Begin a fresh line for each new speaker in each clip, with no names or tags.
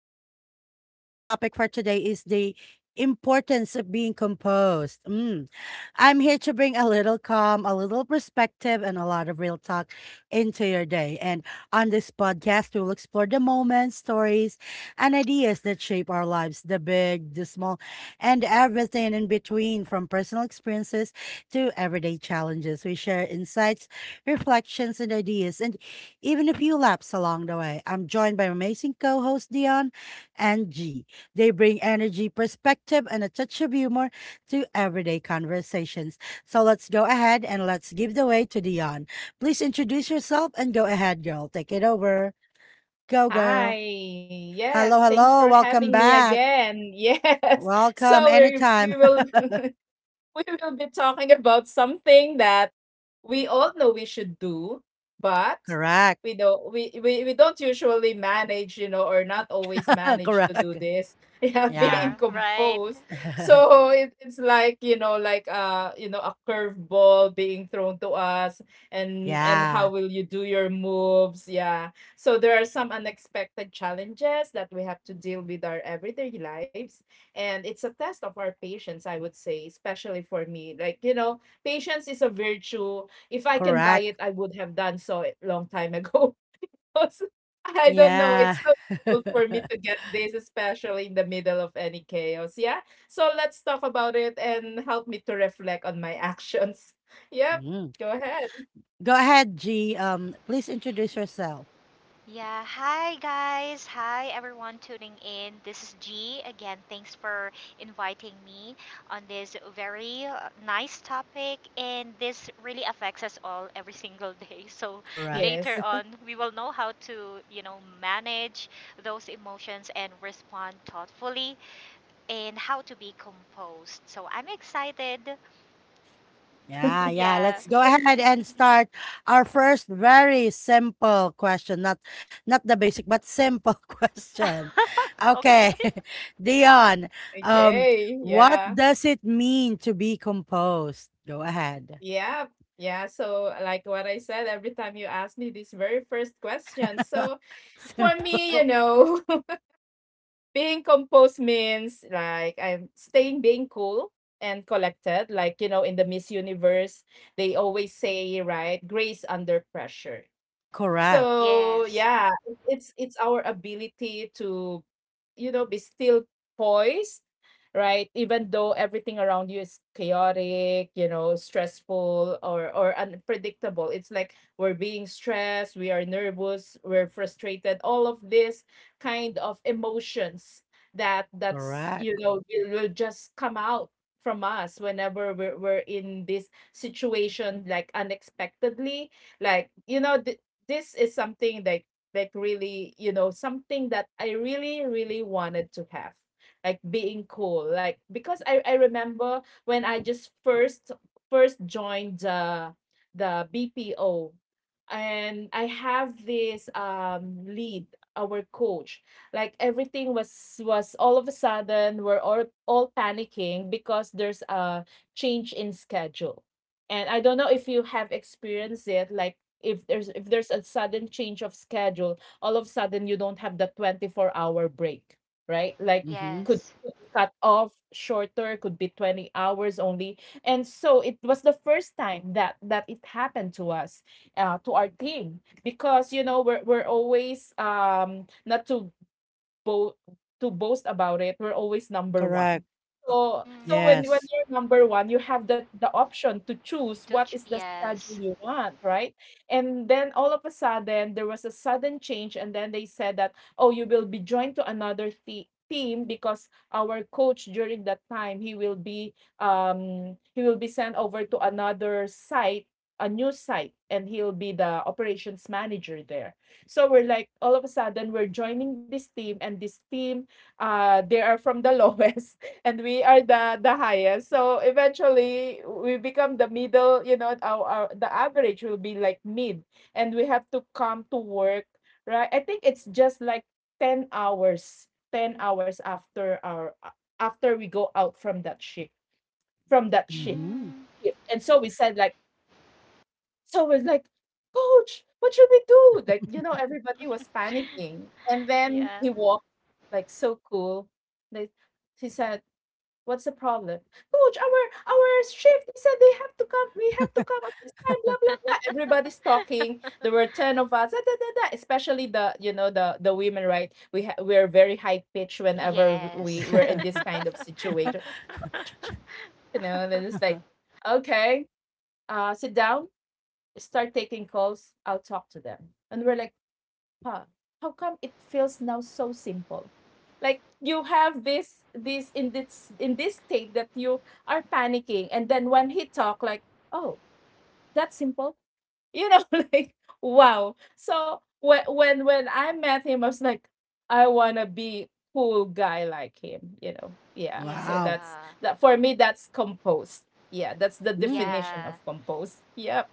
with Lisa. Our topic for today is the importance of being composed. Mm. I'm here to bring a little calm, a little perspective, and a lot of real talk into your day. And on this podcast, we'll explore the moments, stories, and ideas that shape our lives the big, the small, and everything in between from personal experiences to everyday challenges. We share insights, reflections, and ideas. And even a few laps along the way. I'm joined by amazing co hosts Dion and G. They bring energy, perspective, and a touch of humor to everyday conversations. So let's go ahead and let's give the way to Dion. Please introduce yourself and go ahead, girl. Take it over. Go, girl.
Hi. Yes,
Hello,
thanks for
hello.
having
Welcome
me
back.
again. Yes.
Welcome
So we we
anytime.
will we will be talking about something that we all know we should do, but
Correct.
we don't usually manage, or not always manage to do
Correct.
this. Yeah,
Yeah.
being
Yeah, right.
composed. So it's like, like a curveball being thrown to us and how
yeah.
will you do your moves? Yeah. So there are some unexpected challenges that we have to deal with our everyday lives, and it's a test of our patience, I would say. Especially for me, like, patience is a virtue. If I can buy
Correct.
it, I would have done so a long time ago. 'Cause I don't know,
Yeah.
it's so difficult for me to get this, especially in the middle of any chaos. Yeah, so let's talk about it and help me to reflect on my actions. Yep, go ahead.
Go ahead, G. Please introduce yourself.
Yeah, hi guys. Hi everyone tuning in. This is G. Again, thanks for inviting me on this very nice topic and this really affects us all every single day. So
Correct.
Yes.
later on, we will know how to, you know, manage those emotions and respond thoughtfully and how to be composed. So I'm excited.
Yeah, yeah.
Yeah.
Let's go ahead and start our first very simple question. Not the basic, but simple question.
Okay.
Okay. Dion, um,
Okay,
what
yeah,
does it mean to be composed? Go ahead.
yeah, yeah. So, like what I said, every time you ask me this very first question. So for me,
Simple.
being composed means like I'm staying being cool and collected. Like, you know, in the Miss Universe, they always say, right, grace under pressure.
Correct.
So
Yes.
yeah, it's our ability to, you know, be still, poised, right? Even though everything around you is chaotic, you know, stressful or unpredictable. It's like we're being stressed, we are nervous, we're frustrated. All of this kind of emotions that that's
Correct.
you know, will just come out from us whenever we're in this situation, like unexpectedly, like you know, this is something that really, you know, something that I really wanted to have, like being cool. Like, because I remember when I just first joined the BPO, and I have this lead, our coach. Like everything was all of a sudden, we're all panicking because there's a change in schedule. And I don't know if you have experienced it, like if there's a sudden change of schedule, all of a sudden you don't have the 24-hour break, right? Like
Mhm.
Yes.
could be cut off shorter, could be 20 hours only. And so it was the first time that it happened to us, to our team, because you know we're always, not to bo- to boast about it, we're always number
Correct.
one. So
Mm,
when
Yes.
you're number one, you have the option to choose what is the schedule
yes.
you want, right? And then all of a sudden there was a sudden change, and then they said that, oh, you will be joined to another team because our coach, during that time, he will be, he will be sent over to another site, a new site, and he'll be the operations manager there. So we're like, all of a sudden we're joining this team, and this team, uh, they are from the lowest, and we are the highest. So eventually we become the middle, you know, our the average will be like mid, and we have to come to work, right? I think it's just like 10 hours, 10 hours after our, after we go out from that shift, from that shift.
Mhm.
Mm,
shift. And so we said like, so I was like, "Coach, what should we do?" Like, you know, everybody was panicking. And then
yeah.
he walked like so cool. Like, he said, "What's the problem?" "Coach, our shift, they said they have to come, we have to come at this time, blah blah blah." Everybody's talking. There were 10 of us, da, da, da, da. Especially the, you know, the women, right? We're very high pitched whenever we
Yes.
were in this kind of situation. You know, and then it's like, okay, sit down, start taking calls, I'll talk to them. And we're like, huh, how come it feels now so simple? Like, you have this this in this in this state that you are panicking, and then when he talk, like, oh, that's simple. You know, like, wow. So when I met him, I was like, I wanna be cool guy like him, you know. Yeah. So
Wow.
that's
Yeah.
that. For me, that's composed. Yeah, that's the
Mm.
definition
Yeah.
of composed. Yep.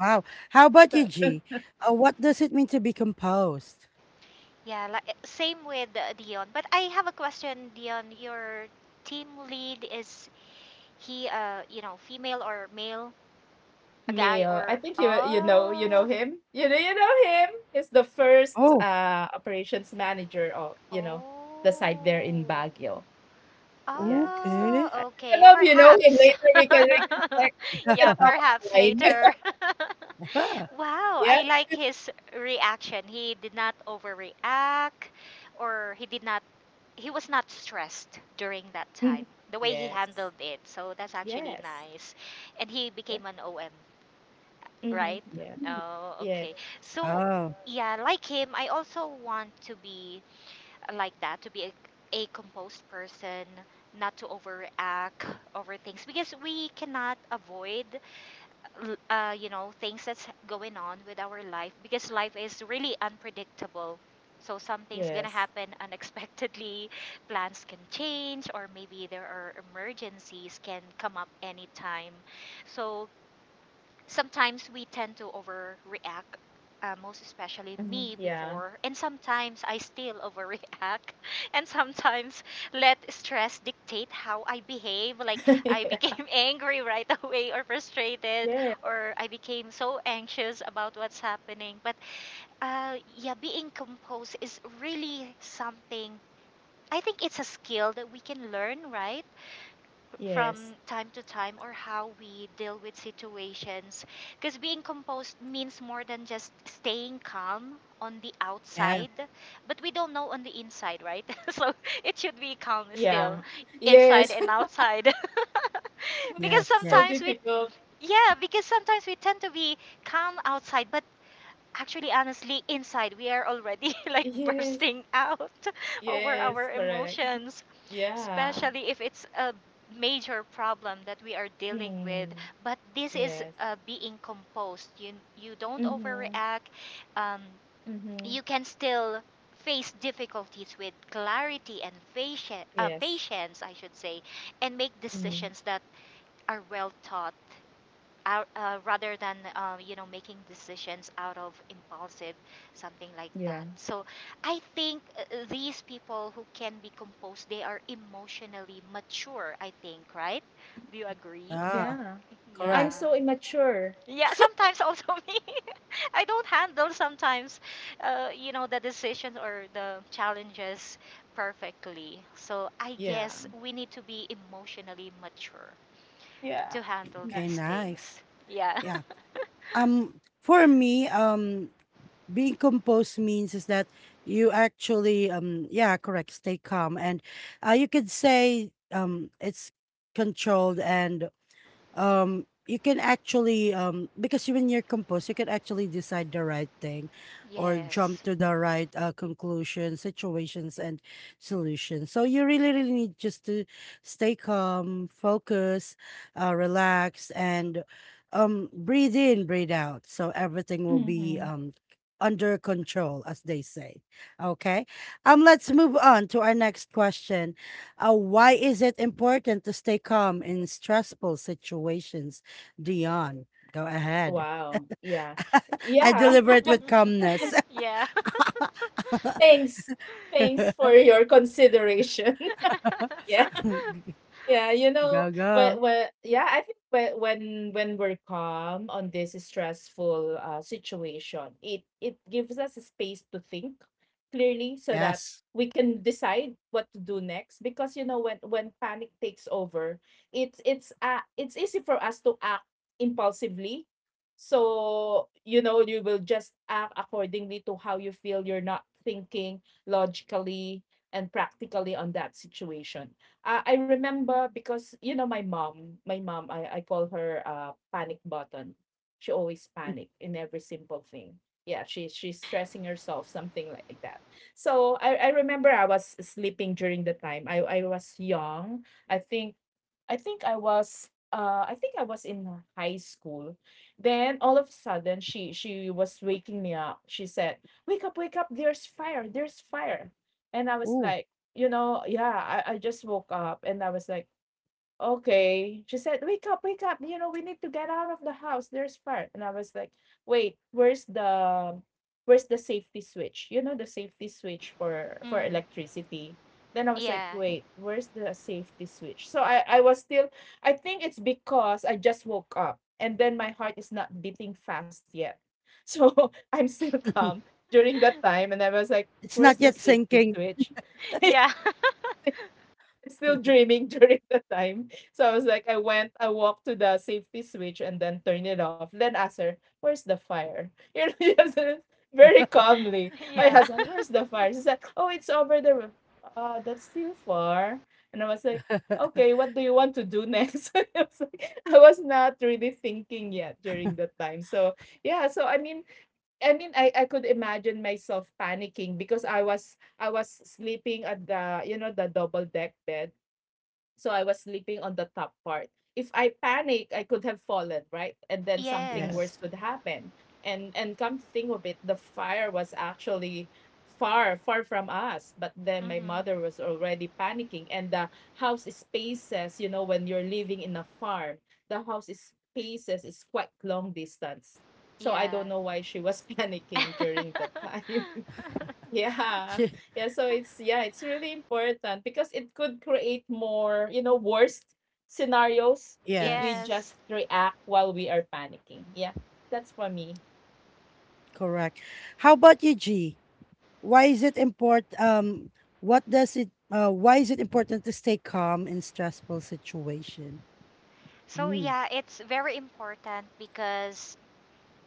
Wow. How about you,
So
G? What does it mean to be composed?
Yeah. Like, same with Dion. But I have a question, Dion. Your team lead is he? You know, female or male? A guy
Mayo. I
or
think you, you know, you know
oh
him. You know, you know him. He's the first
Oh,
operations manager of, you know, the site there
oh.
in Baguio. Yeah. So
okay.
Oh,
I don't
okay.
know if you know him.
Perhaps.
Later we can check. We can
Yeah,
talk
perhaps
offline.
later. Wow,
Yep.
I like his reaction. He did not overreact or he did not, he was not stressed during that time.
Mhm.
The way he
Yes.
handled it. So that's actually
Yes.
nice. And he
Yep.
became an OM,
Mm-hmm.
right?
Yeah.
Mm.
Oh,
Yeah.
okay. So
Oh,
yeah, like him, I also want to be like that, to be a composed person, not to overact over things because we cannot avoid you know, things that's going on with our life because life is really unpredictable, so something's gonna
Yes.
happen unexpectedly. Plans can change or maybe there are emergencies can come up anytime, so sometimes we tend to overreact, most especially
Hmm.
me
Yeah.
before. And sometimes I still overreact. And sometimes let stress dictate how I behave. Like I
Yeah.
became angry right away or frustrated
Yeah.
or I became so anxious about what's happening. But yeah, being composed is really something. I think it's a skill that we can learn, right? From
Yes.
time to time, or how we deal with situations, because being composed means more than just staying calm on the
yeah,
outside, but we don't know on the inside, right? So it should be calm still
Yeah.
inside
Yes.
and outside.
yes,
Because
yes.
So
sometimes we,
difficult.
yeah, because sometimes we tend to be calm outside but, actually, honestly, inside we are already like
Yes.
bursting out over
Yes.
our
Correct.
emotions,
Yeah.
especially if it's a major problem that we are dealing with.
Mm.
But this is
Yes.
being composed. You don't
Mhm.
overreact. Um, you
Mhm.
can still face difficulties with clarity and patience,
Yes.
patience, I should say, and make
Mm.
decisions that are well thought out, rather than you know, making decisions out of impulsive, something like
Yeah.
that. So I think, these people who can be composed, they are emotionally mature, I think, right? Do you agree?
Ah,
Yeah. I'm
Yeah,
correct.
so immature.
yeah, sometimes also me, I don't handle sometimes you know, the decisions or the challenges perfectly, so I
Yeah.
guess we need to be emotionally mature
Yeah.
to handle
Okay,
Nice.
these
nice.
things. Yeah.
Yeah. For me, being composed means is that you actually yeah correct stay calm and you could say it's controlled and you can actually because when you're composed you can actually decide the right thing or jump
Yes.
to the right conclusion situations and solutions, so you really really need just to stay calm focus, relax and breathe in breathe out, so everything will be
Mm-hmm.
under control as they say. Okay. Let's move on to our next question. Why is it important to stay calm in stressful situations? Dion, go ahead.
Wow. Yeah.
I
Yeah.
deliberate with calmness.
Yeah.
Thanks. Thanks for your consideration. Yeah. Yeah, you know,
Go, go.
when yeah, I think when we're calm on this stressful, situation, it gives us a space to think clearly, so that
Yes.
we can decide what to do next. Because you know, when panic takes over, it's easy for us to act impulsively. So you know, you will just act accordingly to how you feel. You're not thinking logically and practically on that situation. Uh, I remember, because you know my mom, I call her panic button. She always panic in every simple thing. Yeah, she's stressing herself, something like that. So I remember I was sleeping during the time. I was young. I think I was, I think I was in high school. Then all of a sudden she was waking me up. She said, "Wake up, wake up. There's fire. There's fire." And I was
Ooh.
like, you know, yeah, I just woke up and I was like, okay. She said, wake up, wake up. You know, we need to get out of the house. There's fire. And I was like, wait, where's the safety switch? You know, the safety switch for
Mm.
electricity. Then I was like,
Yeah.
wait, where's the safety switch? So I was still, I think it's because I just woke up and then my heart is not beating fast yet. So I'm still calm during that time. And I was like,
It's
where's
not
the
yet
safety
sinking.
switch?
Yeah.
Still dreaming during the time. So I was like, I went, I walked to the safety switch and then turn it off. Then asked her, where's the fire? You know, just, very calmly, I
Yeah.
asked her, where's the fire? She said, oh, it's over there, roof. That's still far. And I was like, okay, what do you want to do next? I was like, I was not really thinking yet during the time. So yeah, so I could imagine myself panicking because I was sleeping at the, you know, the double deck bed, so I was sleeping on the top part. If I panic, I could have fallen, right? And then something
Yes.
worse
Yes.
could happen. And come to think of it, the fire was actually far, far from us. But then my
Mhm.
mother was already panicking. And the house spaces, you know, when you're living in a farm, the house spaces is quite long distance. So I
Yeah.
don't know why she was panicking during that time. Yeah. Yeah, so it's really important because it could create more, you know, worst scenarios if we
Yes,
Yes.
just react while we are panicking. Yeah. That's for me.
correct. How about you, G? Why is it important? What does it? Why is it important to stay calm in stressful situation?
So
Mm,
yeah, it's very important because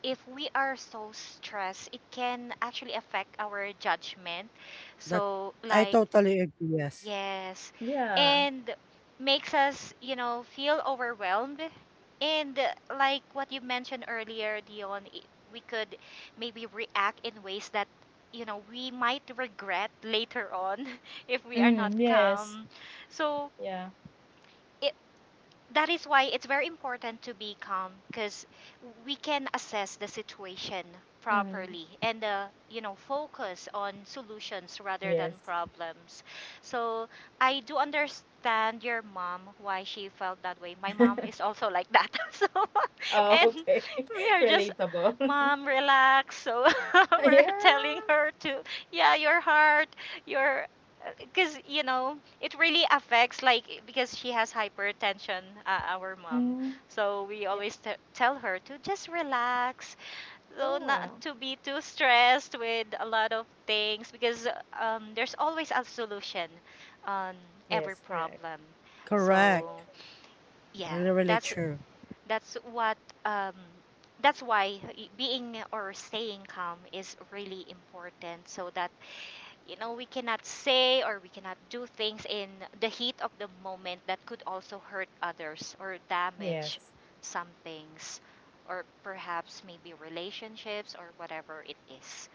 if we are so stressed, it can actually affect our judgment.
that
So,
I
like,
totally agree. Yes,
yes.
Yeah.
And makes us, you know, feel overwhelmed. And like what you mentioned earlier, Dion, we could maybe react in ways that, you know, we might regret later on if we are not
Mm, yes.
calm. So,
Yeah.
I that is why it's very important to be calm because we can assess the situation
Mm,
properly and, you know, focus on solutions rather than
yes.
problems. So I do understand your mom, why she felt that way. My mom is also like that. So
Oh,
and
okay.
we are just,
Relatable.
mom, relax. So we're
Yeah.
telling her to, yeah, your heart, your, because you know it really affects, like because she has hypertension, our mom,
Mm,
so we
yeah.
always tell her to just relax, so not
Yeah.
to be too stressed with a lot of things because, there's always a solution on every
Yes, correct.
problem. So
correct.
yeah,
Really, really
that's
true.
that's what, um, that's why, being or staying calm is really important so that, you know, we cannot say or we cannot do things in the heat of the moment that could also hurt others or damage
Yes.
some things or perhaps maybe relationships or whatever it is.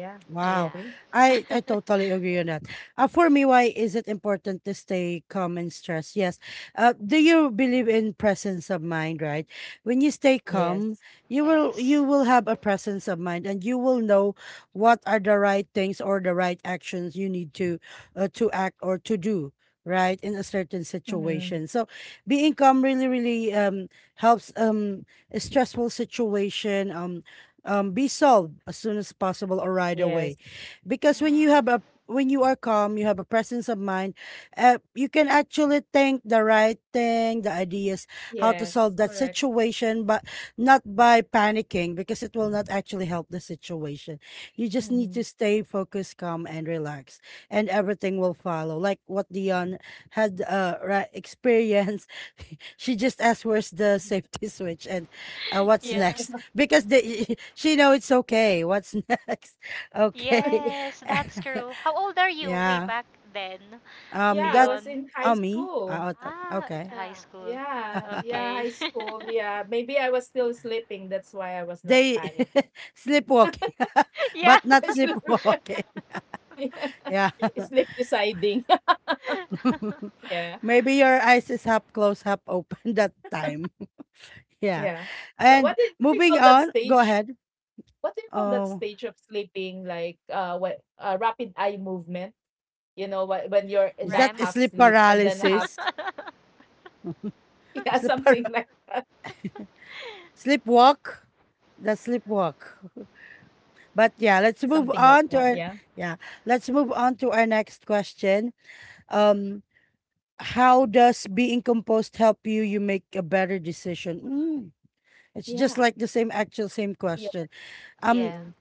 Yeah, I
Yeah.
Wow.
agree.
I totally agree on that. For me, why is it important to stay calm and stressed? Yes. Do you believe in presence of mind, right? When you stay calm,
Yes.
you will you
Yes.
will have a presence of mind and you will know what are the right things or the right actions you need to act or to do. Right in a certain
Mm-hmm.
situation, so being calm really, really helps a stressful situation be solved as soon as possible or right away
Yes.
because when
Hmm.
you have a when you are calm you have a presence of mind, you can actually think the right thing the ideas how to
Yes,
solve that
correct.
situation, but not by panicking because it will not actually help the situation. You just need
Mm-hmm.
to stay focused calm and relaxed, and everything will follow like what Dion had right, experienced. She just asked where's the
Mhm.
safety switch and what's
Yeah.
Yeah.
next because the, she know it's okay what's next. Okay.
Yes, that's true. How old are you way
Yeah.
back then,
Yeah, I
That
was
Dion?
in high
oh me.
school.
Oh that,
Ah,
okay.
high
Yeah,
school. Okay.
high school. Yeah, maybe I was still sleeping. That's why I was not
They
panicking.
sleepwalking
Yeah.
but not
I sleep,
sleepwalking.
yeah.
Yeah.
Sleep deciding. Yeah,
Maybe your eyes is half closed half open that time. Yeah,
yeah. But
and
what do you
moving
call that
on go
stage?
ahead.
What do you call that
Oh,
stage of sleeping? Like, what, rapid eye movement? You know, when you're in
is
the
that
half
Ram.
sleep
sleep and then half
paralysis
yeah,
sleep
something like
Sleepwalk? The sleepwalk. But yeah, let's move on to
that.
our
Yeah,
yeah, let's move on to our next question. Um, how does being composed help you make a better decision? Mm, it's just
yeah,
like the same actual same
yeah.
question. Um,
Yeah.
Thing.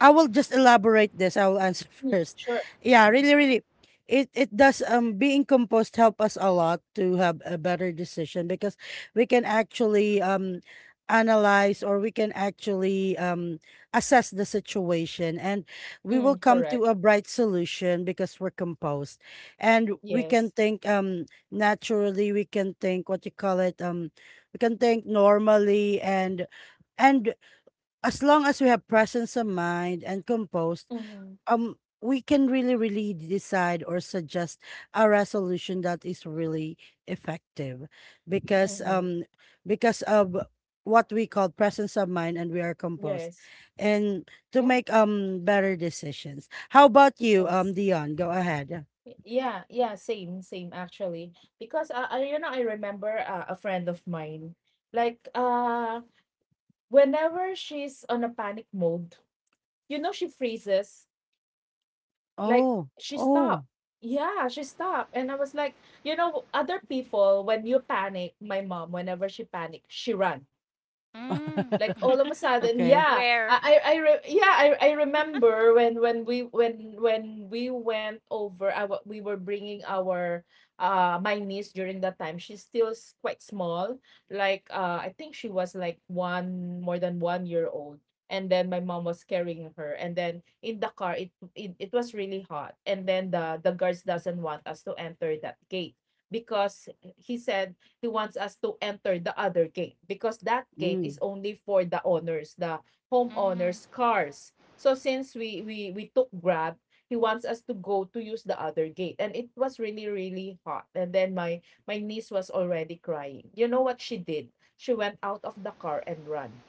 I will just elaborate this. I will answer
Mm,
first.
sure.
Yeah, really, really. It does being composed help us a lot to have a better decision because we can actually analyze or we can actually assess the situation, and we will
Mm,
come
correct.
to a bright solution because we're composed, and we can
Yes.
think naturally, we can think what you call it, we can think normally, and and as long as we have presence of mind and composed,
Mm-hmm.
um, we can really, really decide or suggest a resolution that is really effective, because
Mm-hmm.
um, because of what we call presence of mind and we are composed,
Yes.
and to
Yeah.
make better decisions. How about you,
Yes.
Dion? Go ahead.
Yeah. Yeah. Same. Same. Actually, because I, you know, I remember, a friend of mine. Like, whenever she's on a panic mode, you know, she freezes. Like,
Oh,
she stopped.
oh.
Yeah, she stopped. And I was like, you know, other people, when you panic, my mom, whenever she panic, she run.
Mm.
Like all of a sudden,
Okay.
yeah,
Where?
I re- yeah I remember when we when we went over. We were bringing our uh, my niece. During that time she's still quite small. Like, uh, I think she was like one, more than 1 year old. And then my mom was carrying her, and then in the car it was really hot, and then the guards doesn't want us to enter that gate, because he said he wants us to enter the other gate because that gate is
Mm,
only for the owners, the
Hmm.
homeowners' cars. So since we we took Grab, he wants us to go to use the other gate, and it was really really hot. And then my niece was already crying. You know what she did? She went out of the car and ran.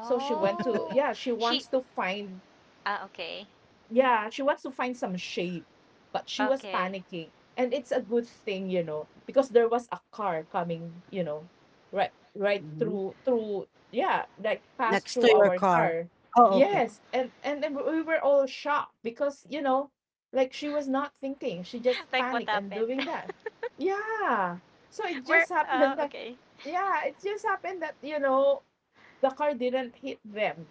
So she went to, yeah, she
she.
wants to find.
Ah, okay.
Yeah, she wants to find some shade, but she was
Okay.
panicking. And it's a good thing, because there was a car coming, right
mhm.
through, yeah, like passed
Next
through
to your
our
car.
car.
Oh, okay.
Hmm.
Yes, and then we were all shocked because, like she was not thinking. She just
Like, what
panicked and
happened?
doing that. Yeah. So it
Where?
just happened that,
Okay.
yeah, it just happened that, the car didn't hit them.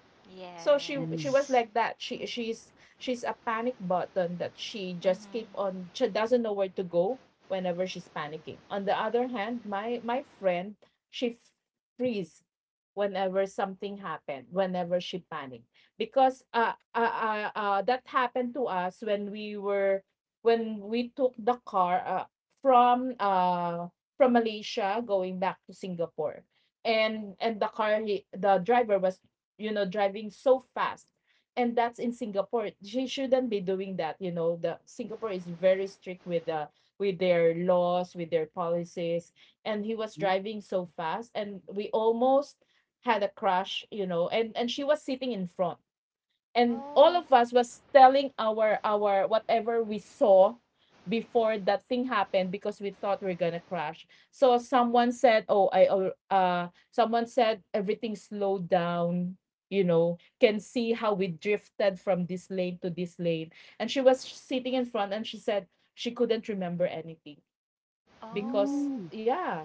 So she
Mhm,
was
Yes.
like that. She's a panic button that she just keep
Hmm.
on. She doesn't know where to go whenever she's panicking. On the other hand, my friend, she f- freeze whenever something happened, whenever she panicked. Because that happened to us when we were when we took the car from uh from Malaysia going back to Singapore. And the the driver was, you know, driving so fast. And that's in Singapore, she shouldn't be doing that. You know, the Singapore is very strict with the, with their laws, with their policies. And he was
hmm.
driving so fast, and we almost had a crash, you know. And she was sitting in front, and all
Oh.
of us was telling our whatever we saw before that thing happened, because we thought we are gonna crash. So someone said, oh, someone said everything slowed down. You know, can see how we drifted from this lane to this lane. And she was sitting in front, and she said she couldn't remember anything, because,
Oh.
Mm.
yeah,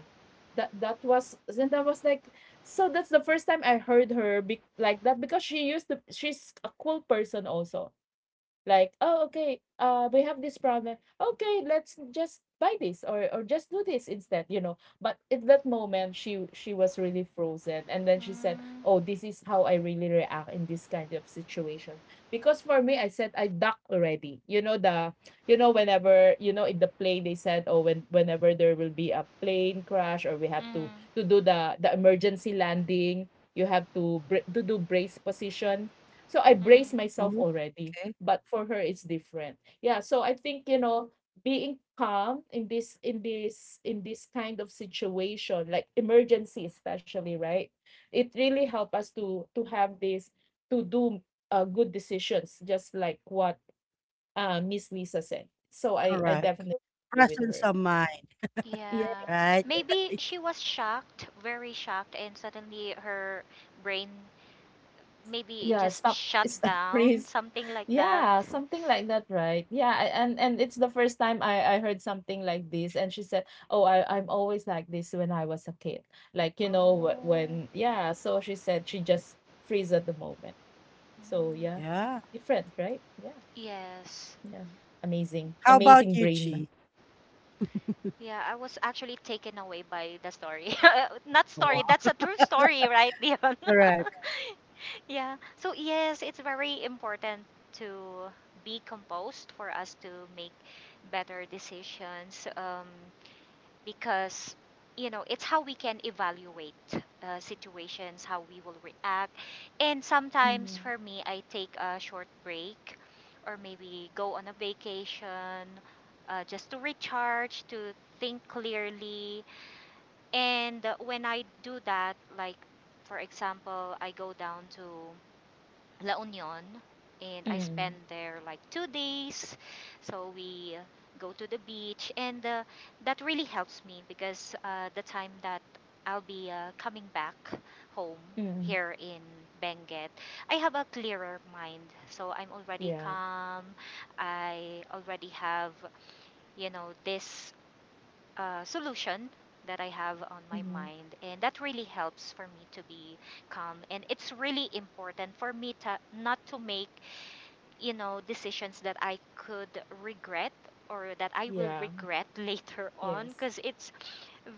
that was then. That was like, so that's the first time I heard her be like that, because she used to, she's a cool person also, like, oh, okay, uh, we have this problem. Okay, let's just buy this, or just do this instead, you know. But at that moment she was really frozen. And then she said,
Mm.
oh, this is how I really react in this kind of situation. Because for me, I said I duck already, you know, the, you know, whenever, you know, in the plane they said, oh, whenever there will be a plane crash, or we have
Mm.
to do the emergency landing, you have to to do brace position. So I
Mm.
brace myself
Oh,
already.
okay.
But for her it's different. Yeah, so I think, you know, being calm in this kind of situation, like emergency especially, right, it really helped us to have this, to do good decisions. Just like what Miss Lisa said. So I
Correct.
definitely agree with
Presence
her.
of mind,
Yes.
Yeah.
right,
Maybe she was shocked, very shocked, and suddenly her brain maybe
Yeah,
just
stop,
shut
it's a
down,
freeze.
something like that.
Yeah, something like that, right? Yeah, and it's the first time I heard something like this, and she said, "Oh, I'm always like this when I was a kid, like you know
Oh.
when, yeah." So she said she just freeze at the moment. So
Mm,
yeah,
Yeah.
different, right? Yeah,
yes.
yeah, amazing,
How about
amazing
you,
brain.
G?
Yeah, I was actually taken away by the story. Not story,
Wow.
that's a true story, right, Dion?
Correct.
Yeah. So, yes, it's very important to be composed for us to make better decisions. Because, you know, it's how we can evaluate situations, how we will react. And sometimes
Mm-hmm.
for me, I take a short break or maybe go on a vacation, just to recharge, to think clearly. And when I do that, like for example, I go down to La Union and I
Mm-hmm.
spent there like 2 days. So we go to the beach and that really helps me because the time that I'll be coming back home
Mm-hmm.
here in Benguet, I have a clearer mind. So I'm already
Yeah.
calm. I already have, you know, this solution that I have on my
Mm-hmm.
mind, and that really helps for me to be calm. And it's really important for me to not to make, you know, decisions that I could regret or that I will
Yeah.
regret later on,
Yes.
because it's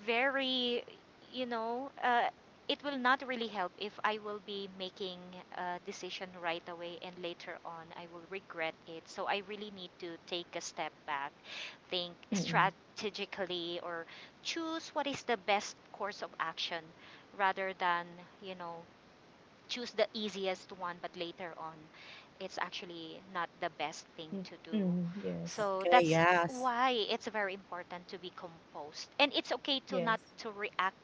very, you know. It will not really help if I will be making a decision right away and later on I will regret it. So I really need to take a step back, think
Mm-hmm.
strategically, or choose what is the best course of action rather than, you know, choose the easiest one, but later on, it's actually not the best thing to do.
Mm-hmm. Yes.
So
Okay,
that's
yes.
why it's very important to be composed. And it's okay to not
Yes.
to react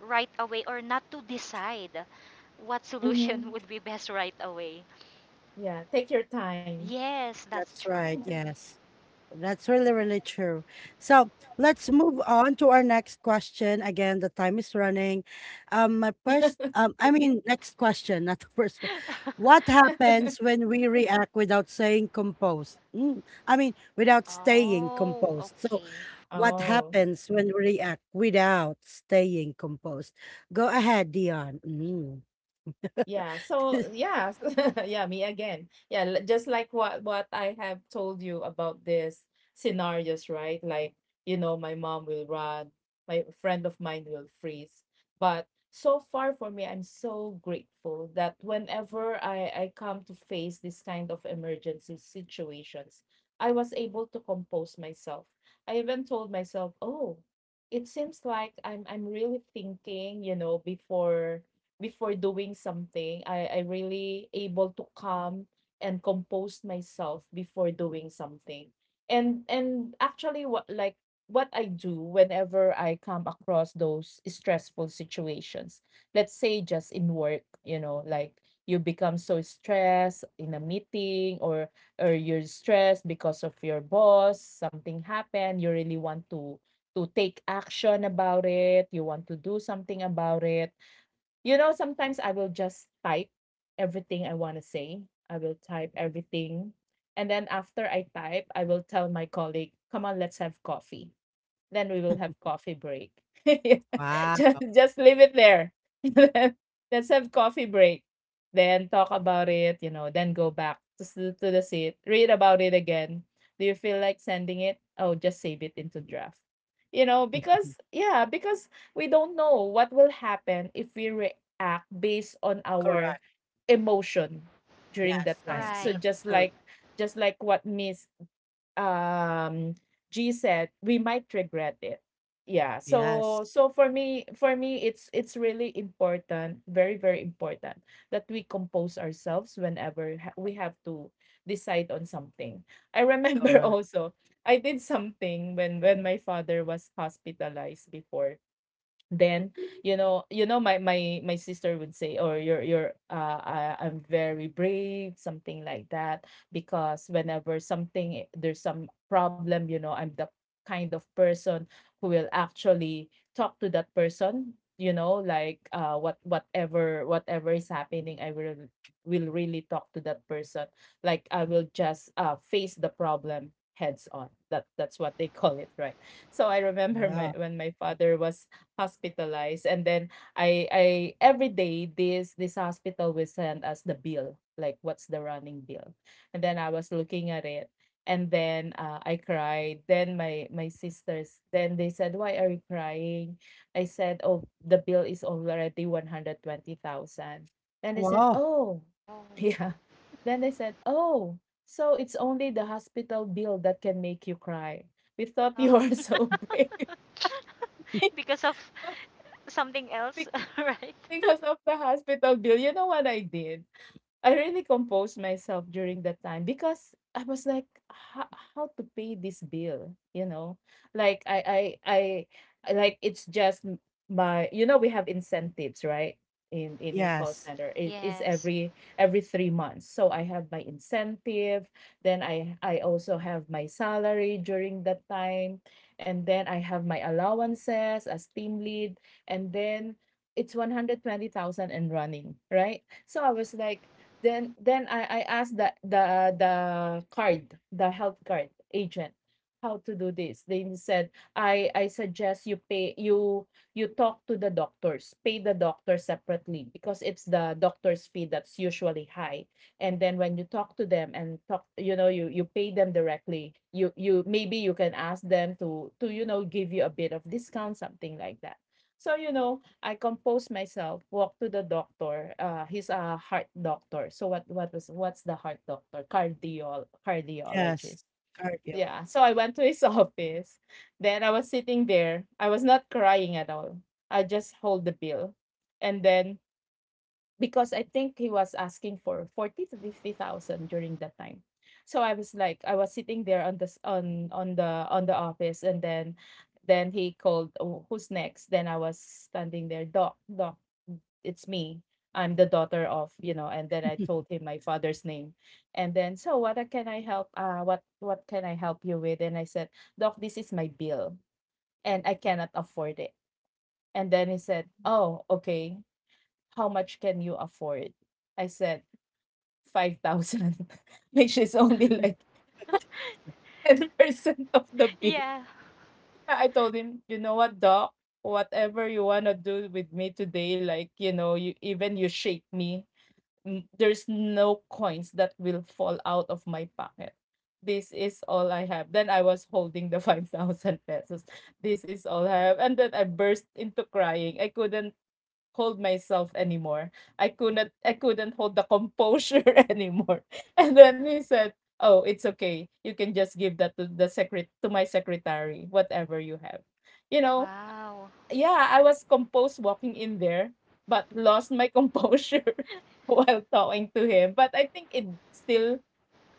right away or not to decide what solution
Mm-hmm.
would be best right away.
Yeah, take your time.
Yes, that's
That's
true.
right, yes. That's really, really true. So let's move on to our next question. Again, the time is running. My first, I mean, next question, not the first. What happens when we react without saying composed? Mm, I mean, without staying
Oh,
composed. So
okay.
what
Oh,
happens when we react without staying composed? Go ahead, Dion. Mm.
yeah. So yeah, yeah, me again. Yeah, just like what I have told you about this scenarios, right? Like, you know, my mom will run, my friend of mine will freeze. But so far for me, I'm so grateful that whenever I come to face this kind of emergency situations, I was able to compose myself. I even told myself, "Oh, it seems like I'm really thinking, you know, before doing something. I really able to calm and compose myself before doing something. And actually what like what I do whenever I come across those stressful situations, let's say just in work, you know, like you become so stressed in a meeting, or you're stressed because of your boss, something happened, you really want to take action about it, you want to do something about it, you know. Sometimes I will just type everything I want to say. I will type everything. And then after I type, I will tell my colleague, come on, let's have coffee, then we will have coffee break. Yeah,
Wow.
just leave it there. Then, let's have coffee break. Then talk about it, you know, then go back to, to the seat, read about it again. Do you feel like sending it? Oh, just save it into draft. You know, because, yeah, because we don't know what will happen if we react based on our
Correct.
emotion during that
Yes,
time.
yes,
So
Right.
that's true.
just like what Miss um G said, we might regret it. Yeah. So
Yes,
for me it's really important, very very important, that we compose ourselves whenever we have to decide on something. I remember
correct.
also I did something when my father was hospitalized before. Then, you know, you know my sister would say, or you're uh, I'm very brave, something like that. Because whenever something, there's some problem, you know, I'm the kind of person who will actually talk to that person. You know, like uh, whatever whatever is happening, I will really talk to that person. Like I will just uh, face the problem heads on. That that's what they call it, right? So I remember my,
Yeah.
when my father was hospitalized, and then I every day this this hospital will send us the bill, like what's the running bill. And then I was looking at it, and then I cried. Then my sisters, then they said, why are you crying? I said, oh, the bill is already 120,000. Then they said,
Wow.
oh.
Oh.
Yeah, then they said, oh, so it's only the hospital bill that can make you cry? We thought
Oh.
you are so brave.
Because of something else, right?
Because of the hospital bill, you know what I did? I really composed myself during that time, because I was like, how to pay this bill, you know? Like I I I it's just my, you know, we have incentives, right? In call
Yes,
center, it is
Yes.
every 3 months, so I have my incentive. Then I also have my salary during that time, and then I have my allowances as team lead. And then it's 120,000 and running, right? So I was like, then I asked the card, the health card agent, how to do this. They said, I suggest you pay, you talk to the doctors, pay the doctor separately because it's the doctor's fee that's usually high. And then when you talk to them and talk, you know, you pay them directly. You maybe you can ask them to, you know, give you a bit of discount, something like that. So you know, I composed myself, walked to the doctor. He's a heart doctor. So what was what's the heart doctor?
yes,
Cardiologist.
cardio.
Yeah. So I went to his office. Then I was sitting there. I was not crying at all. I just hold the bill. And then, because I think he was asking for 40 to 50,000 during that time. So I was like, I was sitting there on this on the office. And then he called, "Oh, who's next?" Then I was standing there, doc, doc, it's me, I'm the daughter of, you know, and then I told him my father's name. And then, so what can I help, uh, what can I help you with? And I said, doc, this is my bill, and I cannot afford it. And then he said,
Mhm.
oh, okay, how much can you afford? I said, 5,000, which is only like 10% of the bill.
Yeah.
Yeah, I told him, you know what, doc, whatever you want to do with me today, like, you know, you, even you shake me, there's no coins that will fall out of my pocket. This is all I have. Then I was holding the 5,000 pesos. This is all I have. And then I burst into crying. I couldn't hold myself anymore. I couldn't hold the composure anymore. And then he said, "Oh, it's okay. You can just give that to the secret to my secretary, whatever you have." You know,
Wow.
yeah, I was composed walking in there, but lost my composure while talking to him. But I think it still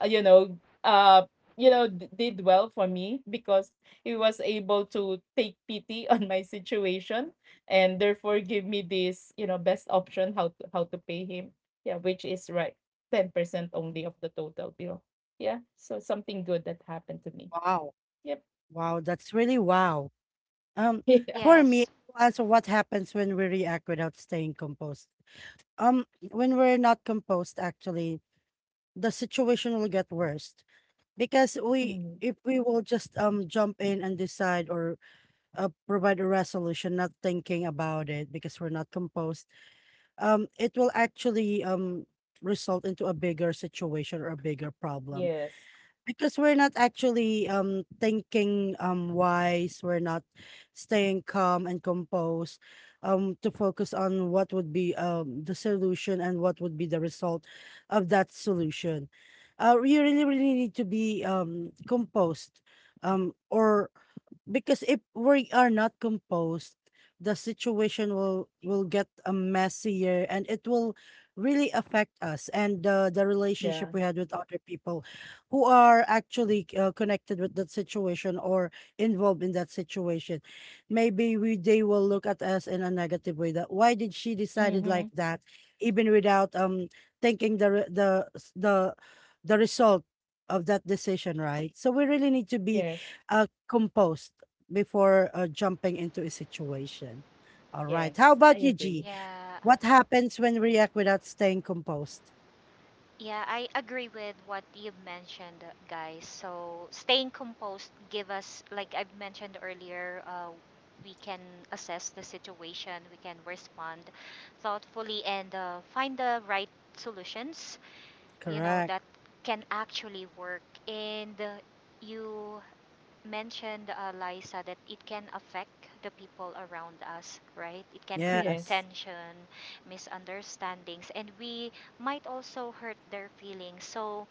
uh, you know uh did well for me because he was able to take pity on my situation, and therefore give me this best option how to pay him. Yeah, which is right, 10% only of the total bill. Yeah, so something good that happened to me.
Wow.
Yep.
Wow, that's really wow. Um,
Yeah.
for me,
Yes.
as what happens when we react without staying composed? When we're not composed, actually, the situation will get worse because
Mm,
we, if we will just jump in and decide or provide a resolution, not thinking about it because we're not composed, it will actually result into a bigger situation or a bigger problem
yes.
because we're not actually thinking wise, we're not staying calm and composed to focus on what would be the solution and what would be the result of that solution. You really, really need to be composed or because if we are not composed, the situation will get a messier, and it will really affect us and the
Yeah.
relationship we had with other people who are actually connected with that situation or involved in that situation. Maybe we they will look at us in a negative way that why did she decided
Mm-hmm.
like that even without thinking the re- the s- the result of that decision, right? So we really need to be
Yes.
composed before jumping into a situation. All right.
Yes,
How
I
about you,
agree.
G?
Yeah.
What happens when we react without staying composed?
Yeah, I agree with what you've mentioned, guys. So staying composed give us, like I've mentioned earlier, we can assess the situation, we can respond thoughtfully, and find the right solutions. You know
Correct.
that can actually work, and you mentioned, Liza, that it can affect the people around us, right? It can create
Yes.
Yes.
tension, misunderstandings, and we might also hurt their feelings. So,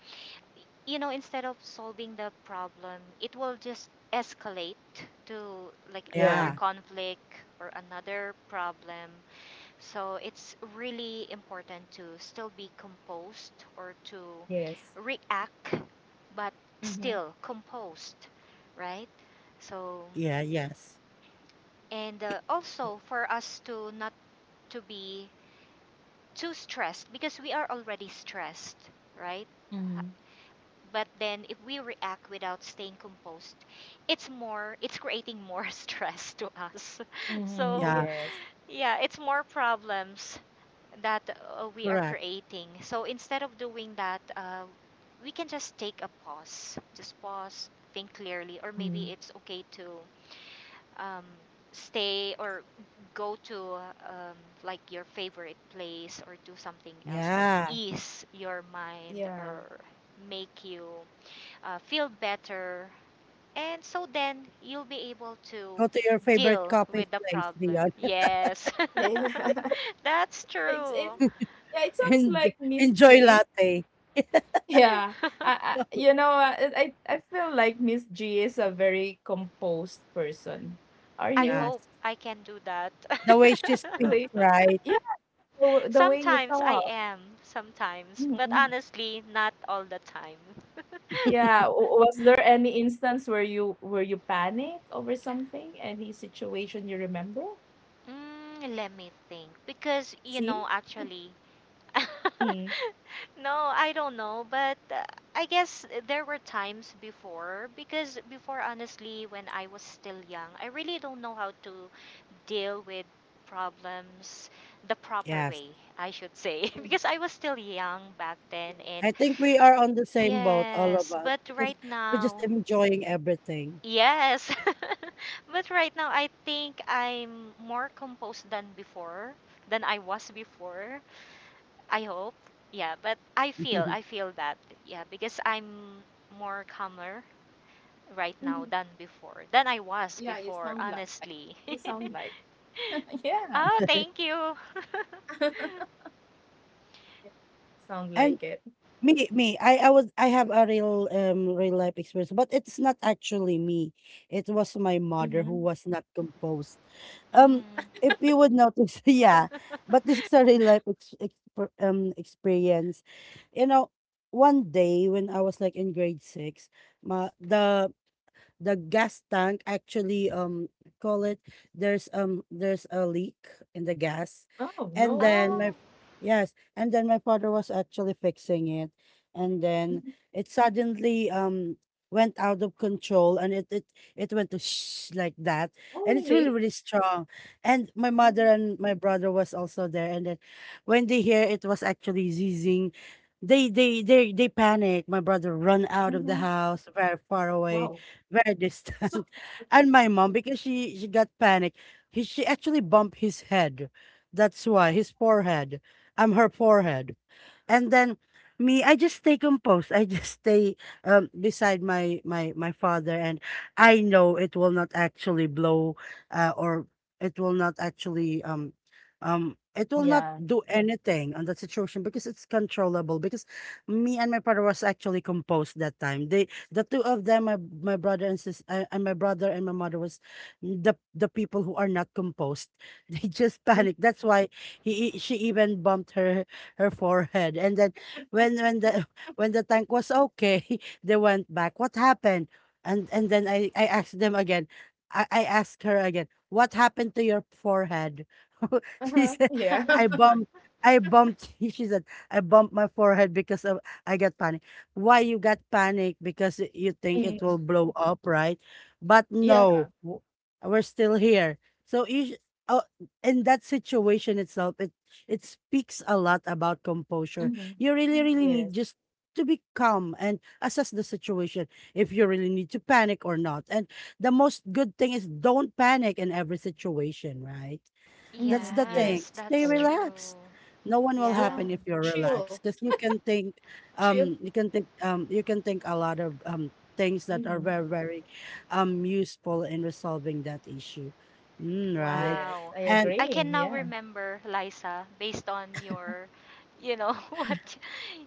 you know, instead of solving the problem, it will just escalate to like
Yeah.
another
Yeah.
conflict or another problem. So it's really important to still be composed or to
Yes.
react, but
Mm-hmm.
still composed, right? So,
Yeah. Yes.
and also for us to not to be too stressed because we are already stressed, right?
Mm-hmm.
But then if we react without staying composed, it's more, it's creating more stress to us.
Mm-hmm.
So,
Yeah.
Yes.
yeah, it's more problems that we are
Correct.
creating. So instead of doing that, we can just take a pause. Just pause, think clearly, or maybe it's okay to um, stay or go to, um, like your favorite place or do something else that
Yeah.
ease your mind
Yeah.
or make you feel better. And so then you'll be able to
Go to your favorite
deal
coffee
with the
place,
problem.
Dion,
Yes,
Yeah.
that's
It's it
true.
yeah, it sounds
and
like Miss
enjoy
G.
latte.
Yeah. I you know, I feel like Miss G is a very composed person. Are
I
you?
hope
Yes.
I can do that.
The way she speaks,
Really?
right?
Yeah, the way you
Sometimes I
talk.
am, sometimes, but
Hmm.
honestly, not all the time.
Yeah, was there any instance where you panic over something? Any situation you remember?
Mm, let me think. Because, you know,
See?
actually,
Mm.
no, I don't know, but I guess there were times before. Because before, honestly, when I was still young, I really don't know how to deal with problems the proper
Yes.
way, I should say,
Mm.
because I was still young back then. And
Yes.
I think we are on the same boat, all of
yes,
us,
but
because
right
we're just
now,
enjoying everything.
yes, but right now, I think I'm more composed than before, than I was before. I hope. Yeah, but I feel that. Yeah, because I'm more calmer right
Mhm.
now than before, than I was
Yeah,
before,
you
honestly.
sound like yeah.
Oh, thank you.
Yeah, sound like
And
it.
me, me. I was I have a real real life experience, but it's not actually me. It was my
Mm-hmm.
mother who was not composed. Um,
Mm.
if you would notice, yeah, but this is a real life ex, exper experience. You know, one day when I was like in grade six, my the gas tank actually call it there's a leak in the gas,
Oh,
Mm,
and
no.
then my
oh,
yes and then my father was actually fixing it, and then
Mhm.
it suddenly went out of control and it went to shh like that,
Oh,
and it's really
really?
really strong. And my mother
Oh.
and my brother was also there, and then when they hear it was actually zizzing, they panic. My brother run out of the
Mhm.
house very far away,
Wow.
very
So.
distant. And my mom, because she got panic, he, she actually bumped his head. That's why his forehead. I'm her forehead. And then me, I just stay composed. I just stay beside my father, and I know it will not actually blow, or it will not actually it will not
Yeah.
do anything on that situation because it's controllable because me and my father was actually composed that time they the two of them my brother and my mother was the people who are not composed they just panic, that's why he she even bumped her her forehead. And then when the when the tank was okay, they went back. What happened? And then I asked them again. I asked her again. What happened to your forehead? She
Uh-huh.
said,
Yeah.
I bumped. I bumped. She said, I bumped my forehead because of, I got panic. Why you got panic? Because you think it
Mm,
will blow up, right? But
yeah.
no, we're still here. So you. Oh, in that situation itself, it speaks a lot about composure.
Mhm.
You really, really
Yes.
need just to be calm and assess the situation if you really need to panic or not. And the most good thing is don't panic in every situation, right? That's
Mhm.
the thing.
Yes.
yes,
Stay
that's
Correct.
true.
relaxed. No one will
Yeah.
Yeah.
happen if you're
Chill.
relaxed because you can think,
Chill.
you can think, you can think a lot of things that are
Mhm.
very, very, useful in resolving that issue. Mm, right.
Yes.
Wow.
I
And
I
agree.
can now
Yeah.
remember, Liza, based on your, you know, what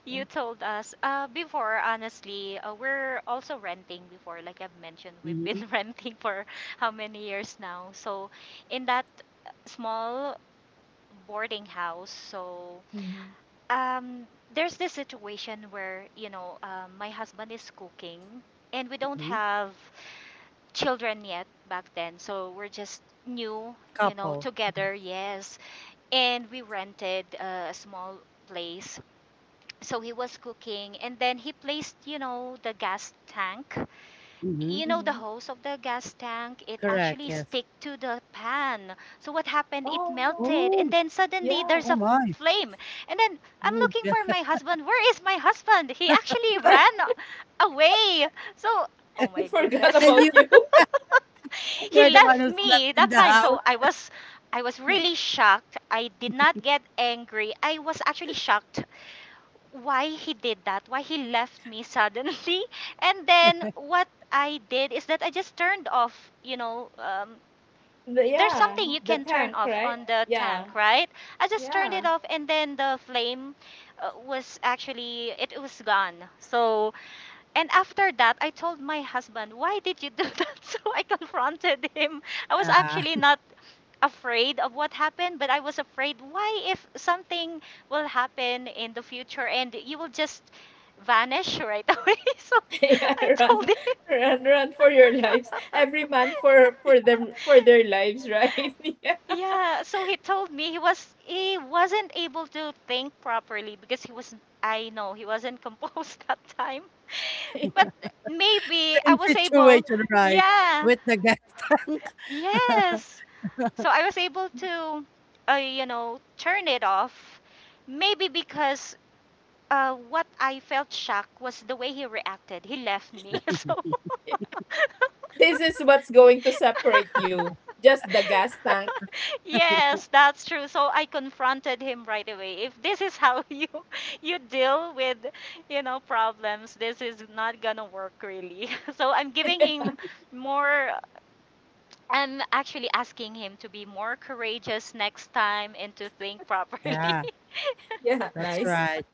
you told us. Before, honestly, we're also renting before. Like I've mentioned, we've been
mhm,
renting for how many years now. So, in that small boarding house, so
Mhm.
um, there's this situation where my husband is cooking and we don't
mhm.
have children yet back then, so we're just new, you know,
Couple.
together. Yes, and we rented a small place. So he was cooking and then he placed, you know, the gas tank.
Mhm.
You know, the
Mhm.
hose of the gas tank, it
Correct,
actually
yes.
stick to the pan. So what happened, it
Oh no.
melted and
Oh,
then suddenly
Yeah.
there's
oh
a
my.
flame. And then I'm
Oh,
looking
yeah.
for my husband. Where is my husband? He actually ran away. So,
He
oh my
forgot
goodness.
about
And you
you.
He
you're the one
left
who slept
me
in
that
the
time.
house?
So I was really shocked. I did not get angry, I was actually shocked why he did that, why he left me suddenly. And then what I did is that I just turned off,
The,
there's
yeah.
something you
The
can turn
tank,
off
right?
on the
Yeah.
tank, right? I just turned it
Yeah.
off and then the flame was actually, it was gone. So, and after that, I told my husband, why did you do that? So I confronted him. I was actually
Yeah.
not afraid of what happened, but I was afraid, why if something will happen in the future and you will just vanish right away? So
Yeah.
I
Run,
told him.
run, run for your lives. Every man for
Yeah.
for them for their lives, right? Yeah.
Yeah, so he told me he wasn't able to think properly because he was, I know, he wasn't composed that time. But maybe I
Same
was able.
situation, right,
Yeah.
with the gas tank.
Yes. So I was able to, you know, turn it off. Maybe because what I felt shock was the way he reacted. He left me. So
This is what's going to separate you. Just the gas tank.
yes, that's true. So I confronted him right away. If this is how you deal with, you know, problems, this is not gonna work really. So I'm giving him more, I'm actually asking him to be more courageous next time and to think properly.
Yeah,
Yeah,
that's
nice.
right.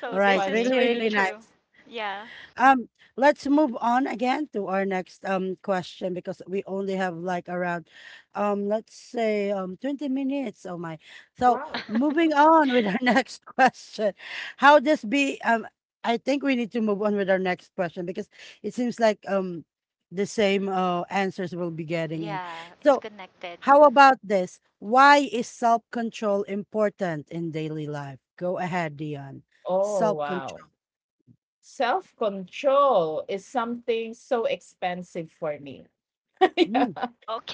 So
All
It's
right,
this is
funny.
really,
really
really
true.
nice.
Yeah.
Um, let's move on again to our next question because we only have like around let's say 20 minutes. Oh my. So
Wow. Mm.
moving on with our next question. How this be I think we need to move on with our next question because it seems like the same answers we'll be getting in.
Yeah, it's
So
connected.
how about this? Why is self-control important in daily life? Go ahead, Dion.
Oh, wow.
Self-control.
Self control is something so expensive for me. Yeah.
Mm,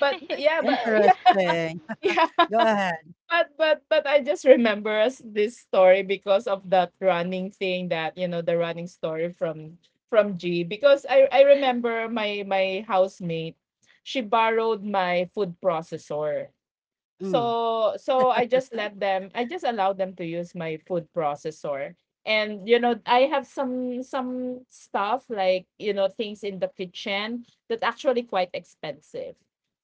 But yeah, but yeah,
interesting.
yeah.
Go ahead.
But I just remember us this story because of that running thing that, you know, the running story from G, because I remember my my housemate she borrowed my food processor.
Mm.
So so I just let them, I just allowed them to use my food processor. And you know, I have some stuff like, you know, things in the kitchen that actually quite expensive.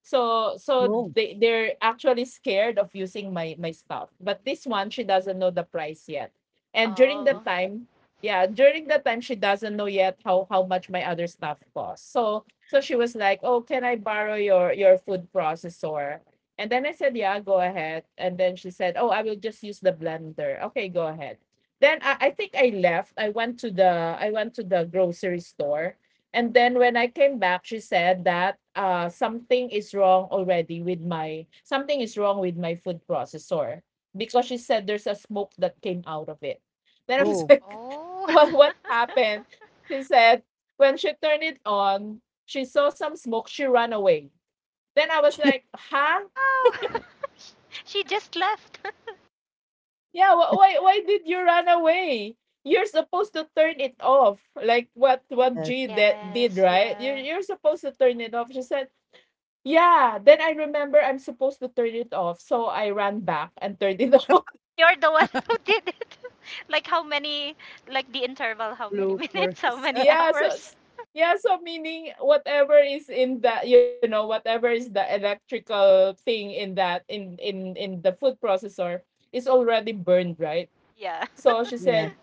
So so
Oh.
they they're actually scared of using my my stuff. But this one she doesn't know the price yet. And during
Mm,
that
Oh.
time, yeah, during that time she doesn't know yet how much my other stuff costs. So so she was like, "Oh, can I borrow your food processor?" And then I said, yeah, go ahead. And then she said, oh, I will just use the blender. Okay, go ahead. Then I think I left. I went to the I went to the grocery store. And then when I came back, she said that something is wrong already with my something is wrong with my food processor because she said there's a smoke that came out of it. Then I was
oh.
like,
Oh.
what happened? She said when she turned it on, she saw some smoke. She ran away. Then I was like, huh?
Wow. Sh- she just left.
Yeah, why did you run away? You're supposed to turn it off. Like what
Yes.
G that did,
Yes,
right?
yeah.
You're supposed to turn it off. She said, "Yeah." Then I remember I'm supposed to turn it off, so I ran back and turned it off.
You're the one who did it. Like how many, like the interval, how many minutes, how
Bloopers.
many
Yeah, so
hours?
s- yeah, so meaning whatever is in the, you know, whatever is the electrical thing in that in the food processor is already burned, right?
Yeah.
So she
Yes.
said,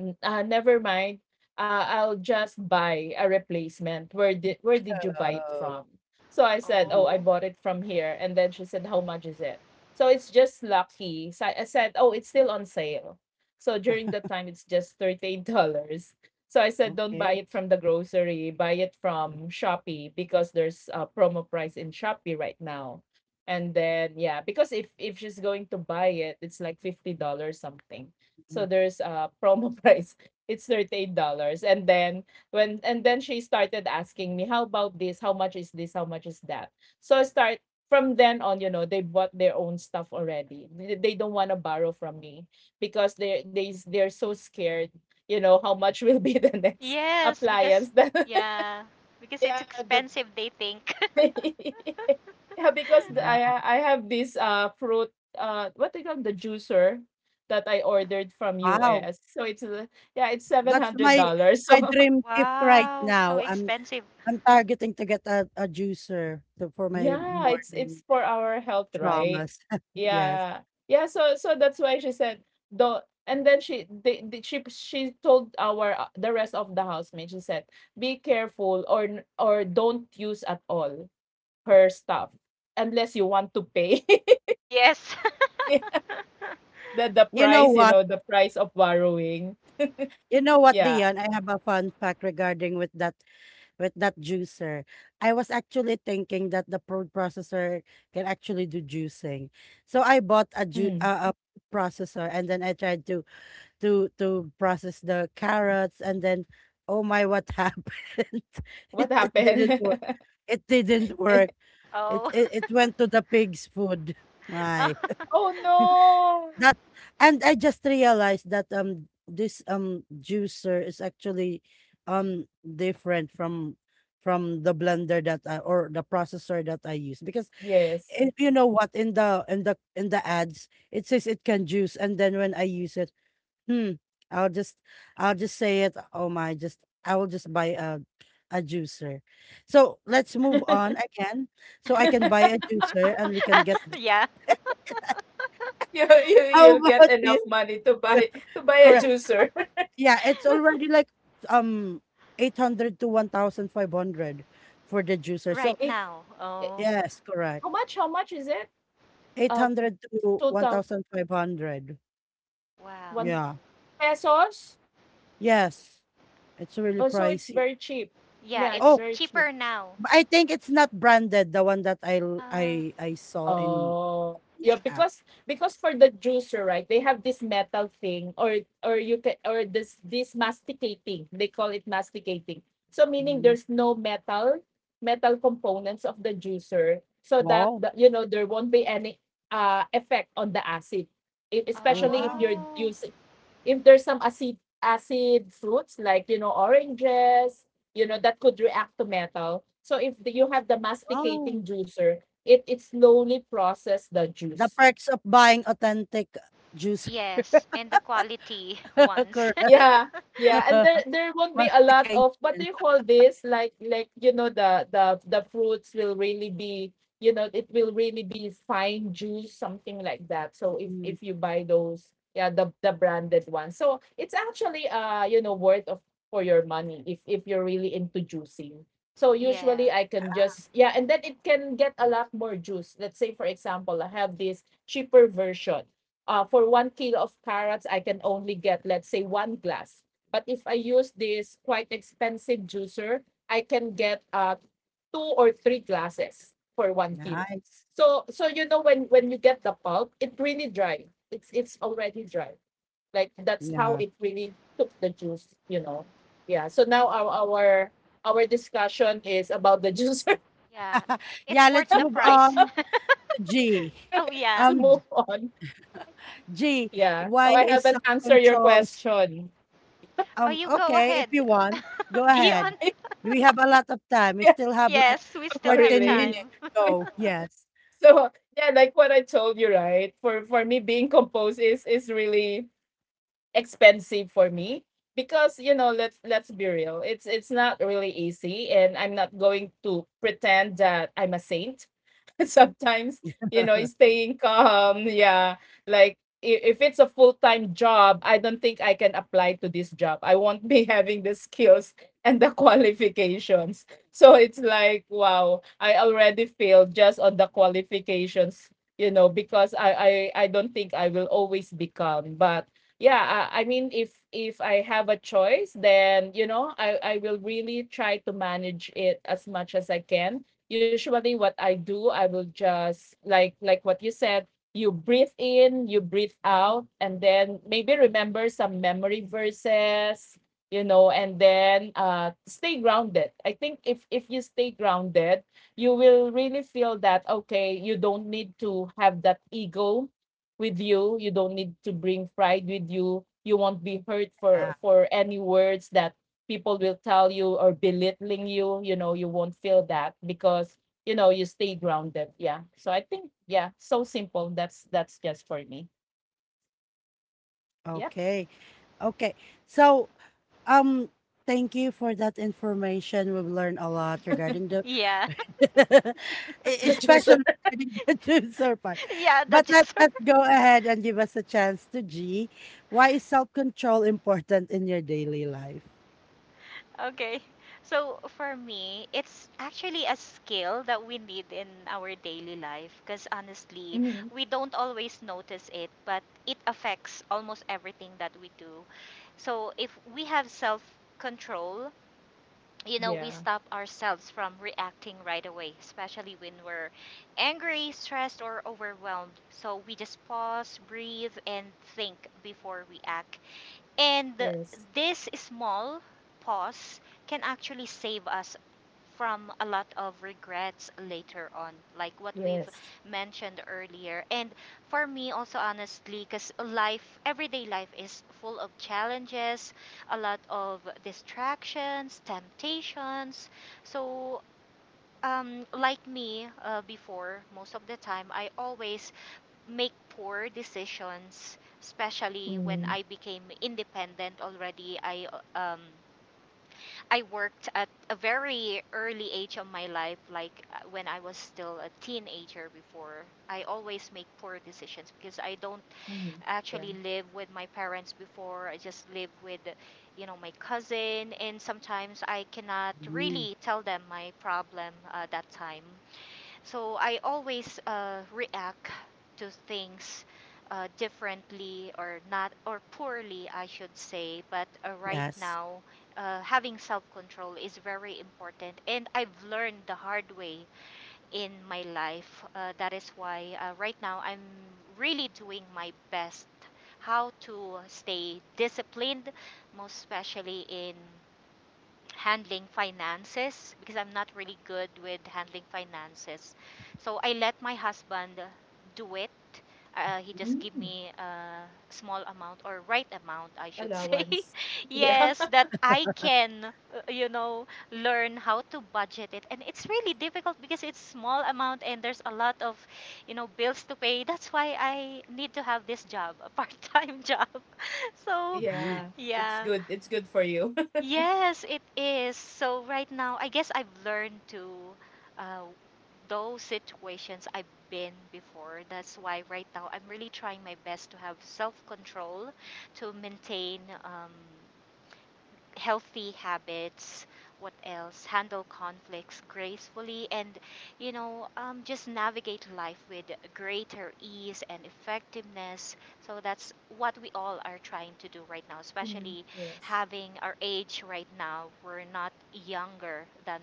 Never mind. I'll just buy a replacement. Where did you buy it
Oh.
from? So I said, oh, I
Oh.
bought it from here. And then she said, how much is it? So it's just lucky. So I said, oh, it's still on sale. So during that time, it's just $38. So I said, don't buy
Okay.
it from the grocery. Buy it from Shopee because there's a promo price in Shopee right now. And then, yeah, because if she's going to buy it, it's like $50 something. So
Mm,
there's a promo price. It's $38. And then and then she started asking me, how about this? How much is this? How much is that? So I start from then on, you know, they bought their own stuff already. They don't want to borrow from me because they're so scared, you know, how much will be the next
Yes, because,
appliance that
yeah, because it's
yeah, that
expensive they think.
yeah, because the
wow.
I have this, fruit, what they call the juicer that I ordered from
Wow.
US. So it's a yeah, it's
That's my
$700.
my
So
dream gift right
Wow, so
now. I'm
expensive.
I'm targeting to get a juicer to, for my
yeah, it's
morning
for our health, right?
traumas. yes.
Yeah. Yeah, so so that's why she said, "Don't." And then she told our, the rest of the housemate. She said, "Be careful or don't use at all her stuff unless you want to pay."
Yes.
The
You know
price, you
what?
know, the price of borrowing.
You know what,
Yeah.
Dion? I have a fun fact regarding with that juicer. I was actually thinking that the food processor can actually do juicing. So I bought a ju
Mm.
a food processor and then I tried to to process the carrots and then oh my what happened? It
What
it didn't
happened?
work. It didn't work.
Oh.
It went to the pig's food.
Oh.
My.
Oh, no.
That and I just realized that this juicer is actually different from the blender that I, or the processor that I use because
Yes.
if you know what in the in the ads it says it can juice and then when I use it hmm I'll just I'll just say it oh my just I will just buy a juicer. So let's move on again so I can buy a juicer and we can get
Yeah.
You you
how
you'll get
about you?
enough money to buy a
Correct.
juicer.
Yeah, it's already like um 800 to 1,500 for the juicer. So,
Right
It,
now.
it
Oh,
yes, correct.
how much? How much is it? Uh,
800 to
total
1,500.
wow.
one
Yeah.
pesos.
Yes. It's
Oh,
really
so it's very
pricey.
cheap. Yeah,
Yeah,
it's
Oh,
it's
very cheap.
cheaper now.
but I think it's not branded, the one that I l-
Ah,
I saw in
Oh, yeah,
each app.
because for the juicer, right? They have this metal thing, or you can or this masticating. They call it masticating. So meaning
Mm.
there's no metal metal components of the juicer, so that
Wow.
the, you know, there won't be any effect on the acid.
Oh,
Especially if
wow.
you're
oh.
using if there's some acid acid fruits like, you know, oranges, you know that could react to metal. So if the, you have the
Wow.
masticating juicer, it slowly process the
The
juice.
perks of buying authentic juice.
Yes, and the quality ones.
Correct.
Yeah. Yeah, and there there won't be a lot of what do
Mastication.
you call this? Like you know the fruits will really be you know, it will really be fine juice something like that. So
Mm,
if you buy those, yeah, the branded ones, so it's actually you know worth of for your money if you're really into juicing. So
Yeah.
usually I can just yeah, and then it can get a lot more juice. Let's say for example I have this cheaper version for 1 kilo of carrots, I can only get, let's say, one glass. But if I use this quite expensive juicer, I can get two or three glasses for 1 kilo.
nice.
So, so you know, when you get the pulp, it really dry. It's already dry. Like that's how
Yeah.
it really took the juice, you know? Yeah. So now our discussion is about the juicer.
Yeah. It's
Yeah,
worth
let's
the
move
price.
on to G.
Oh,
Let's
yeah.
move
Um,
on.
G,
Yeah. So
why
I
is
haven't answered your
self-control?
question.
Oh, you go
Okay, if
ahead,
you want, go
Dion.
ahead. We have a lot of time. We still have like
Yes, we
Oh,
still have
14
really?
minutes.
time.
Go. Yes.
So, yeah, like what I told you, right? For me, being composed is really expensive for me because, you know, let's be real. It's not really easy, and I'm not going to pretend that I'm a saint sometimes, you know, staying calm, yeah. Like if it's a full-time job, I don't think I can apply to this job. I won't be having the skills and the qualifications. So it's like wow, I already failed just on the qualifications, you know, because I don't think I will always be calm. But yeah, I mean if I have a choice, then you know I will really try to manage it as much as I can. Usually what I do, I will just like what you said, you breathe in, you breathe out, and then maybe remember some memory verses, you know, and then stay grounded. I think if you stay grounded, you will really feel that okay, you don't need to have that ego with you. You don't need to bring pride with you. You won't be hurt
Yeah.
for any words that people will tell you or belittling you, you know, you won't feel that because, you know, you stay grounded. Yeah. So I think yeah, so simple. That's just for me. Yeah.
Okay. Okay. So, um, thank you for that information. We've learned a lot regarding the
Yeah.
E-
The juicer.
especially during the juicer part.
Yeah, that
But let
just her.
us go ahead and give us a chance to G. Why is self control important in your daily life?
Okay. So for me, it's actually a skill that we need in our daily life because, honestly,
Hmm.
we don't always notice it, but it affects almost everything that we do. So if we have self control, you know, we
Yeah.
stop ourselves from reacting right away, especially when we're angry, stressed, or overwhelmed. So we just pause, breathe, and think before we act. And
Yes.
this small pause can actually save us from a lot of regrets later on, like what we've
Yes.
mentioned earlier. And for me, also honestly, because life, everyday life is full of challenges, a lot of distractions, temptations. So, like me before, most of the time, I always make poor decisions, especially when
Mm-hmm.
I became independent already. I uh, um I worked at a very early age of my life, like when I was still a teenager before. I always make poor decisions because I don't
Mm-hmm. Yeah.
actually live with my parents before. I just live with, you know, my cousin, and sometimes I cannot
Mm,
really tell them my problem that time. So I always react to things differently, or not, or poorly, I should say. But right
yes.
now, having self control is very important, and I've learned the hard way in my life. That is why right now I'm really doing my best how to stay disciplined, most especially in handling finances, because I'm not really good with handling finances. So I let my husband do it. He just give
Mm.
me a small amount, or right amount, I should say.
Allowance. Yeah.
Yes, that I can, you know, learn how to budget it. And it's really difficult because it's small amount and there's a lot of, you know, bills to pay. That's why I need to have this job, a part-time job. So,
Mhm.
Yeah. It's
yeah.
good. It's good for you.
Yes, it is. So right now, I guess I've learned to uh, those situations I've been before. That's why right now I'm really trying my best to have self-control, to maintain healthy habits, what else, handle conflicts gracefully, and, you know, just navigate life with greater ease and effectiveness. So that's what we all are trying to do right now,
Mm,
especially
yes.
having our age right now. We're not younger than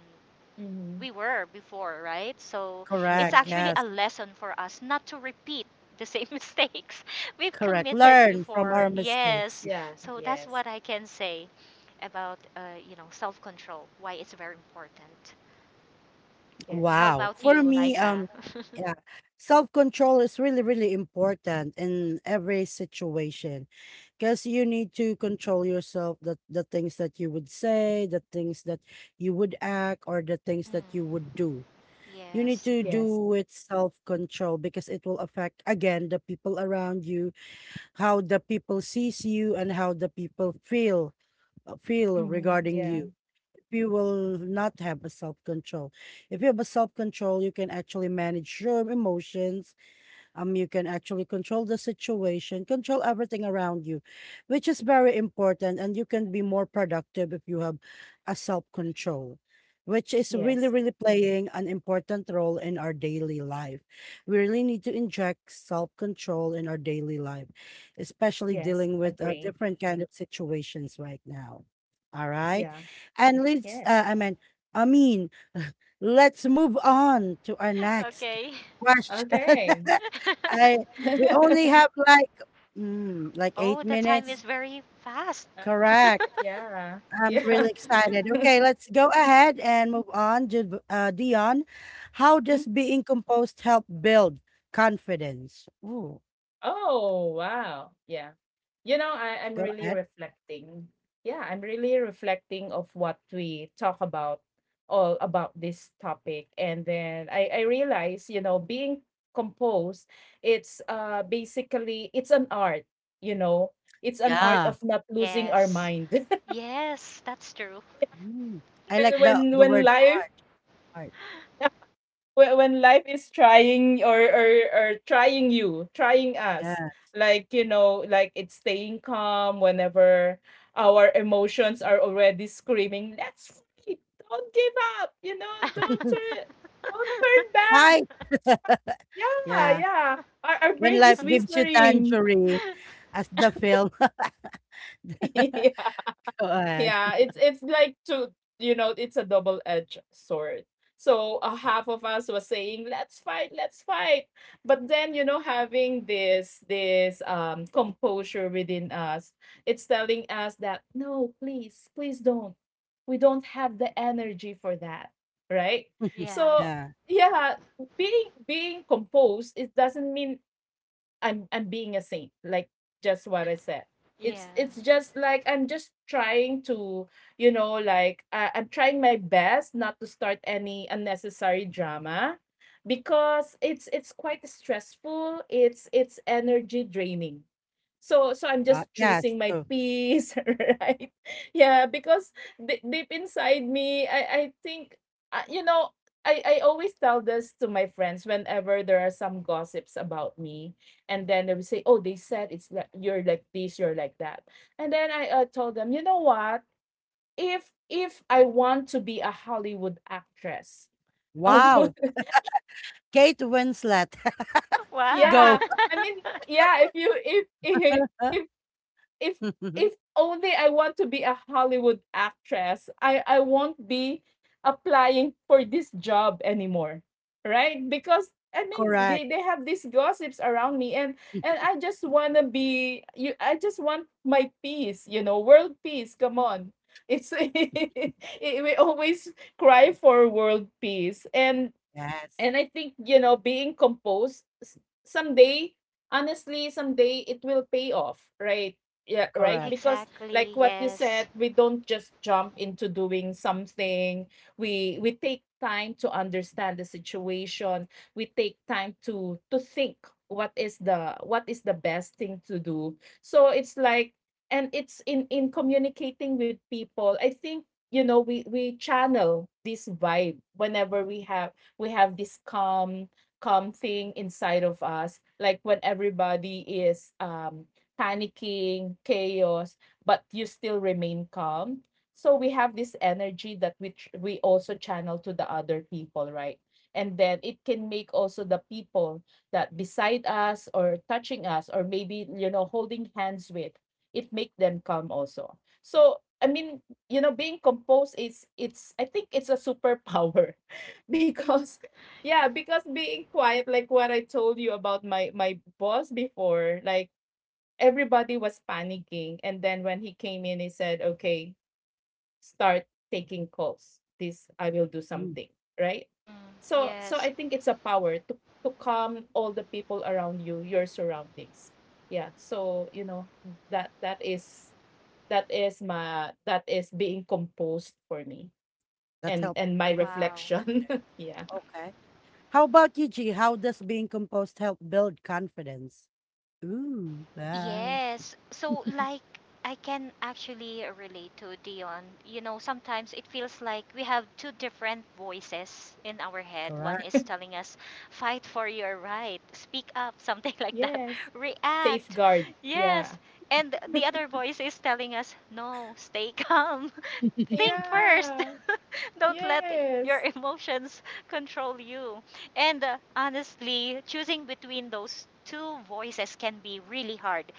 we
Mm-hmm.
were before, right? So it's
Correct.
Yeah.
actually a
Yes.
lesson for us not to repeat the same mistakes we've
Correct.
committed
Learn from
before.
our mistakes.
Yes.
Yeah.
Yeah.
So that's what
Yes.
I can say about you know, self-control. Why it's very important. How
Yes.
Wow.
about
It's
For
you,
Nice.
me,
Liza?
yeah, self control is really, really important in every situation. Because you need to control yourself, the things that you would say, the things that you would act, or the things
Mm,
that you would do. You need
yes.
to do
Yes.
with self control because it will affect, again, the people around you, how the people sees you, and how the people feel feel
Mm-hmm.
regarding
Yeah.
you. If you will not have a self control, if you have a self control, you can actually manage your emotions you can actually control the situation control everything around you which is very important and you can be more productive if you have a self control which is really
Yes.
really playing an important role in our daily life we really need to inject self control in our daily life especially
Yes,
dealing with
agree.
different kind of situations right now. All right,
Yeah.
and let's
Yes.
I mean I mean, let's move on to our next
Okay.
question.
Okay.
I we only have like mm, like eight
Oh, the time is
minutes.
very fast.
Uh,
Correct.
yeah.
I'm
Yeah.
really excited. Okay, let's go ahead and move on. Dion, how
Mm.
does being composed help build confidence? Ooh,
Oh, wow. Yeah. You know, I'm
go
really
ahead.
reflecting. Yeah, I'm really reflecting of what we talk about all about this topic. And then I realize, you know, being composed, it's basically it's an art, you know. It's an art
Yeah.
of not losing our
Yes.
mind.
Yes, that's true.
Mm. I like
when when
the
when
word
life
art. Art.
when life is trying or trying you, trying us,
Yeah.
like, you know, like it's staying calm whenever our emotions are already screaming, "Let's fight, don't give up, you know, don't turn, don't turn back,"
Fight.
yeah,
Yeah.
yeah, our
When
brain
life
is
gives you
whispering.
tangerine, as the film.
Yeah.
To add.
Yeah, it's like to, you know, it's a double-edged sword. So a half of us was saying, let's fight," but then, you know, having this composure within us, it's telling us that no, please, please don't. We don't have the energy for that, right?
Yeah.
So
Yeah.
yeah, being composed, it doesn't mean I'm being a saint, like just what I said.
Yeah.
It's just like I'm just trying to, you know, like I'm trying my best not to start any unnecessary drama because it's quite stressful. It's energy draining. So I'm just
Yes,
choosing my
true.
peace, right? Yeah, because deep, deep inside me, I think you know, I always tell this to my friends whenever there are some gossips about me, and then they will say, "Oh, they said it's like you're like this, you're like that," and then I, told them, you know what? If I want to be a Hollywood actress, I
Wow!
would.
Kate Winslet.
Wow.
Yeah,
Go.
I mean, yeah. If if if if only I want to be a Hollywood actress, I won't be applying for this job anymore, right? Because I mean, they,
Correct.
they have these gossips around me, and I just wanna be you. I just want my peace, you know, world peace. Come on, it's it, we always cry for world peace,
Yes,
and I think, you know, being composed someday, honestly, someday it will pay off, right? Yeah, right?
correct.
Because like
Exactly.
what you
Yes.
said, we don't just jump into doing something. We take time to understand the situation. We take time to think what is the best thing to do. So it's like, and it's in communicating with people. I think, you know, we channel this vibe whenever we have this calm calm thing inside of us, like when everybody is panicking, chaos, but you still remain calm, so we have this energy that we also channel to the other people, right? And then it can make also the people that beside us or touching us or maybe, you know, holding hands with, it make them calm also. So I mean, you know, being composed is, it's I think it's a superpower because yeah, because being quiet, like what I told you about my boss before, like everybody was panicking, and then when he came in, he said, "Okay, start taking calls, this I will do
Mm,
something," right?
Mm,
So
yes.
I think it's a power to calm all the people around you, your surroundings. Yeah, so you know, that that is my, that is being composed for me,
that help
and my
Wow.
reflection. Yeah.
okay. How about you, G? How does being composed help build confidence? Ooh, wow.
Yes. So, like, I can actually relate to Dion. You know, sometimes it feels like we have two different voices in our head. One
Correct.
is telling us, fight for your right, speak up, something like that,
Yes.
react.
Safeguard, yeah.
Yes. And the other voice is telling us, no, stay calm,
It's
think
Yeah,
first, don't let
yes.
your emotions control you. And honestly, choosing between those two voices can be really hard,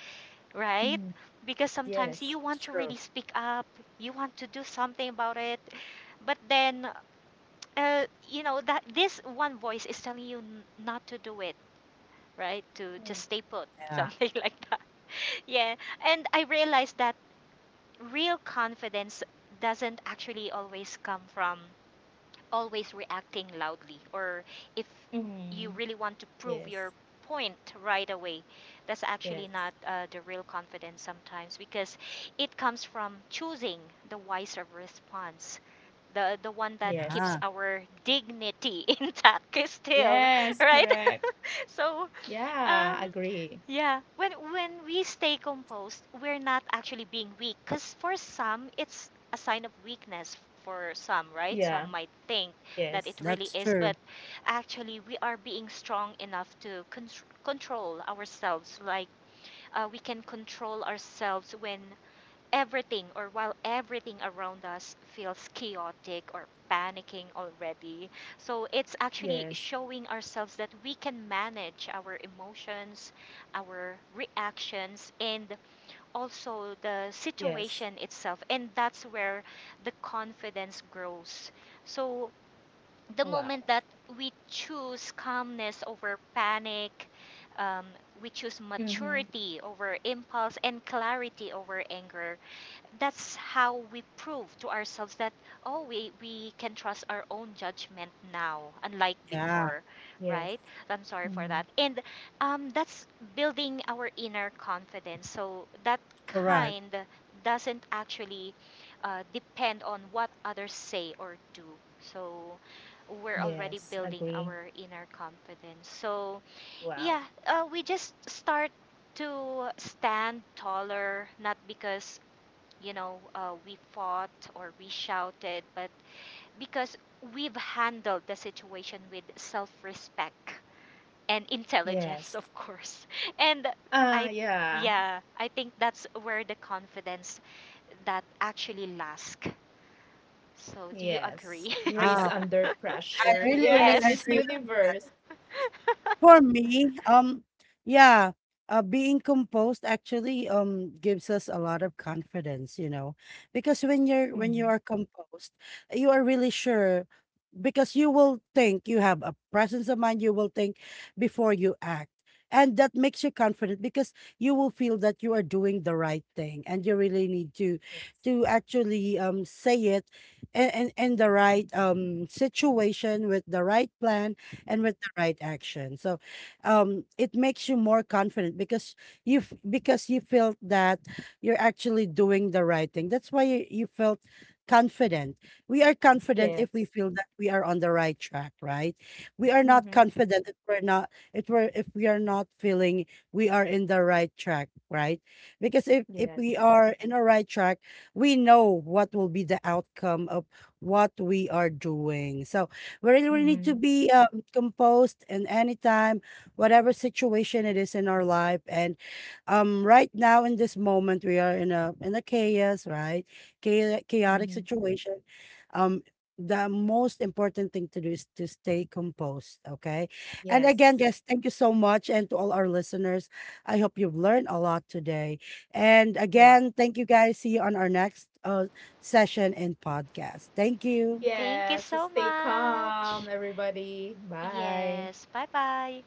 right?
Mm,
Because sometimes
yes.
you want to
true.
really speak up, you want to do something about it, but then, you know, that this one voice is telling you n- not to do it, right? To
Mm,
just stay put,
Yeah.
something like that. Yeah. And I realized that real confidence doesn't actually always come from always reacting loudly, or if you
mhm.
really want to prove
Yes,
your point right away. That's actually
yes,
not the real confidence sometimes, because it comes from choosing the wiser response, the one that
yes.
keeps
Yeah.
our dignity intact still,
Yes,
right?
correct.
So
Yeah,
um
agree.
yeah, when we stay composed, we're not actually being weak, cuz for some it's a sign of weakness for some, right?
Yeah,
Some might think
yes,
that it really
That's
is,
true.
but actually we are being strong enough to control ourselves. Like, we can control ourselves when everything, or while everything around us feels chaotic or panicking already. So it's actually
yes,
showing ourselves that we can manage our emotions, our reactions, and also
yes.
the situation itself. And that's where the confidence grows. So
Wow.
the moment that we choose calmness over panic, um, we choose
Mm-hmm.
maturity over impulse and clarity over anger, that's how we prove to ourselves that, oh, we can trust our own judgment now, unlike
Yeah.
before,
Yes.
right? I'm
Mm-hmm.
sorry for that. And that's building our inner confidence, so that
Correct.
kind doesn't actually depend on what others say or do. So we're
Yes,
already
agree.
building our inner confidence. So
Wow.
yeah, we just start to stand taller, not because, you know, we fought or we shouted, but because we've handled the situation with self respect and
Yes.
intelligence, of course. And
Ah,
I,
yeah.
yeah, I think that's where the confidence that actually lasts. So, do you
Yes.
agree?
Grace
Wow.
under pressure.
I really,
Yes,
really
Miss
Yes.
agree on
Universe.
that. For me, yeah, being composed actually gives us a lot of confidence, you know, because
Mm-hmm.
when you are composed, you are really sure because you will think you have a presence of mind. You will think before you act, and that makes you confident because you will feel that you are doing the right thing, and you really need to actually say it in the right situation with the right plan and with the right action. So it makes you more confident because because you felt that you're actually doing the right thing. That's why you, you felt confident. We are confident if
Yes.
we feel that we are on the right track, right? We are not
Mhm.
confident if we're not if we are not feeling we are in the right track, right? Because if
Yes.
we are in a right track, we know what will be the outcome of what we are doing. So we really, really need
Mhm.
to be composed in any time, whatever situation it is in our life. And right now in this moment, we are in a chaos, right? Chaotic
Mhm.
situation. Um, the most important thing to do is to stay composed. Okay. And
Yes.
again, yes, thank you so much. And to all our listeners, I hope you've learned a lot today. And
Wow.
again, thank you guys. See you on our next session and podcast. Thank you.
Thank you
Yes.
so
Stay
much.
calm, everybody. Bye.
Yes. Bye bye.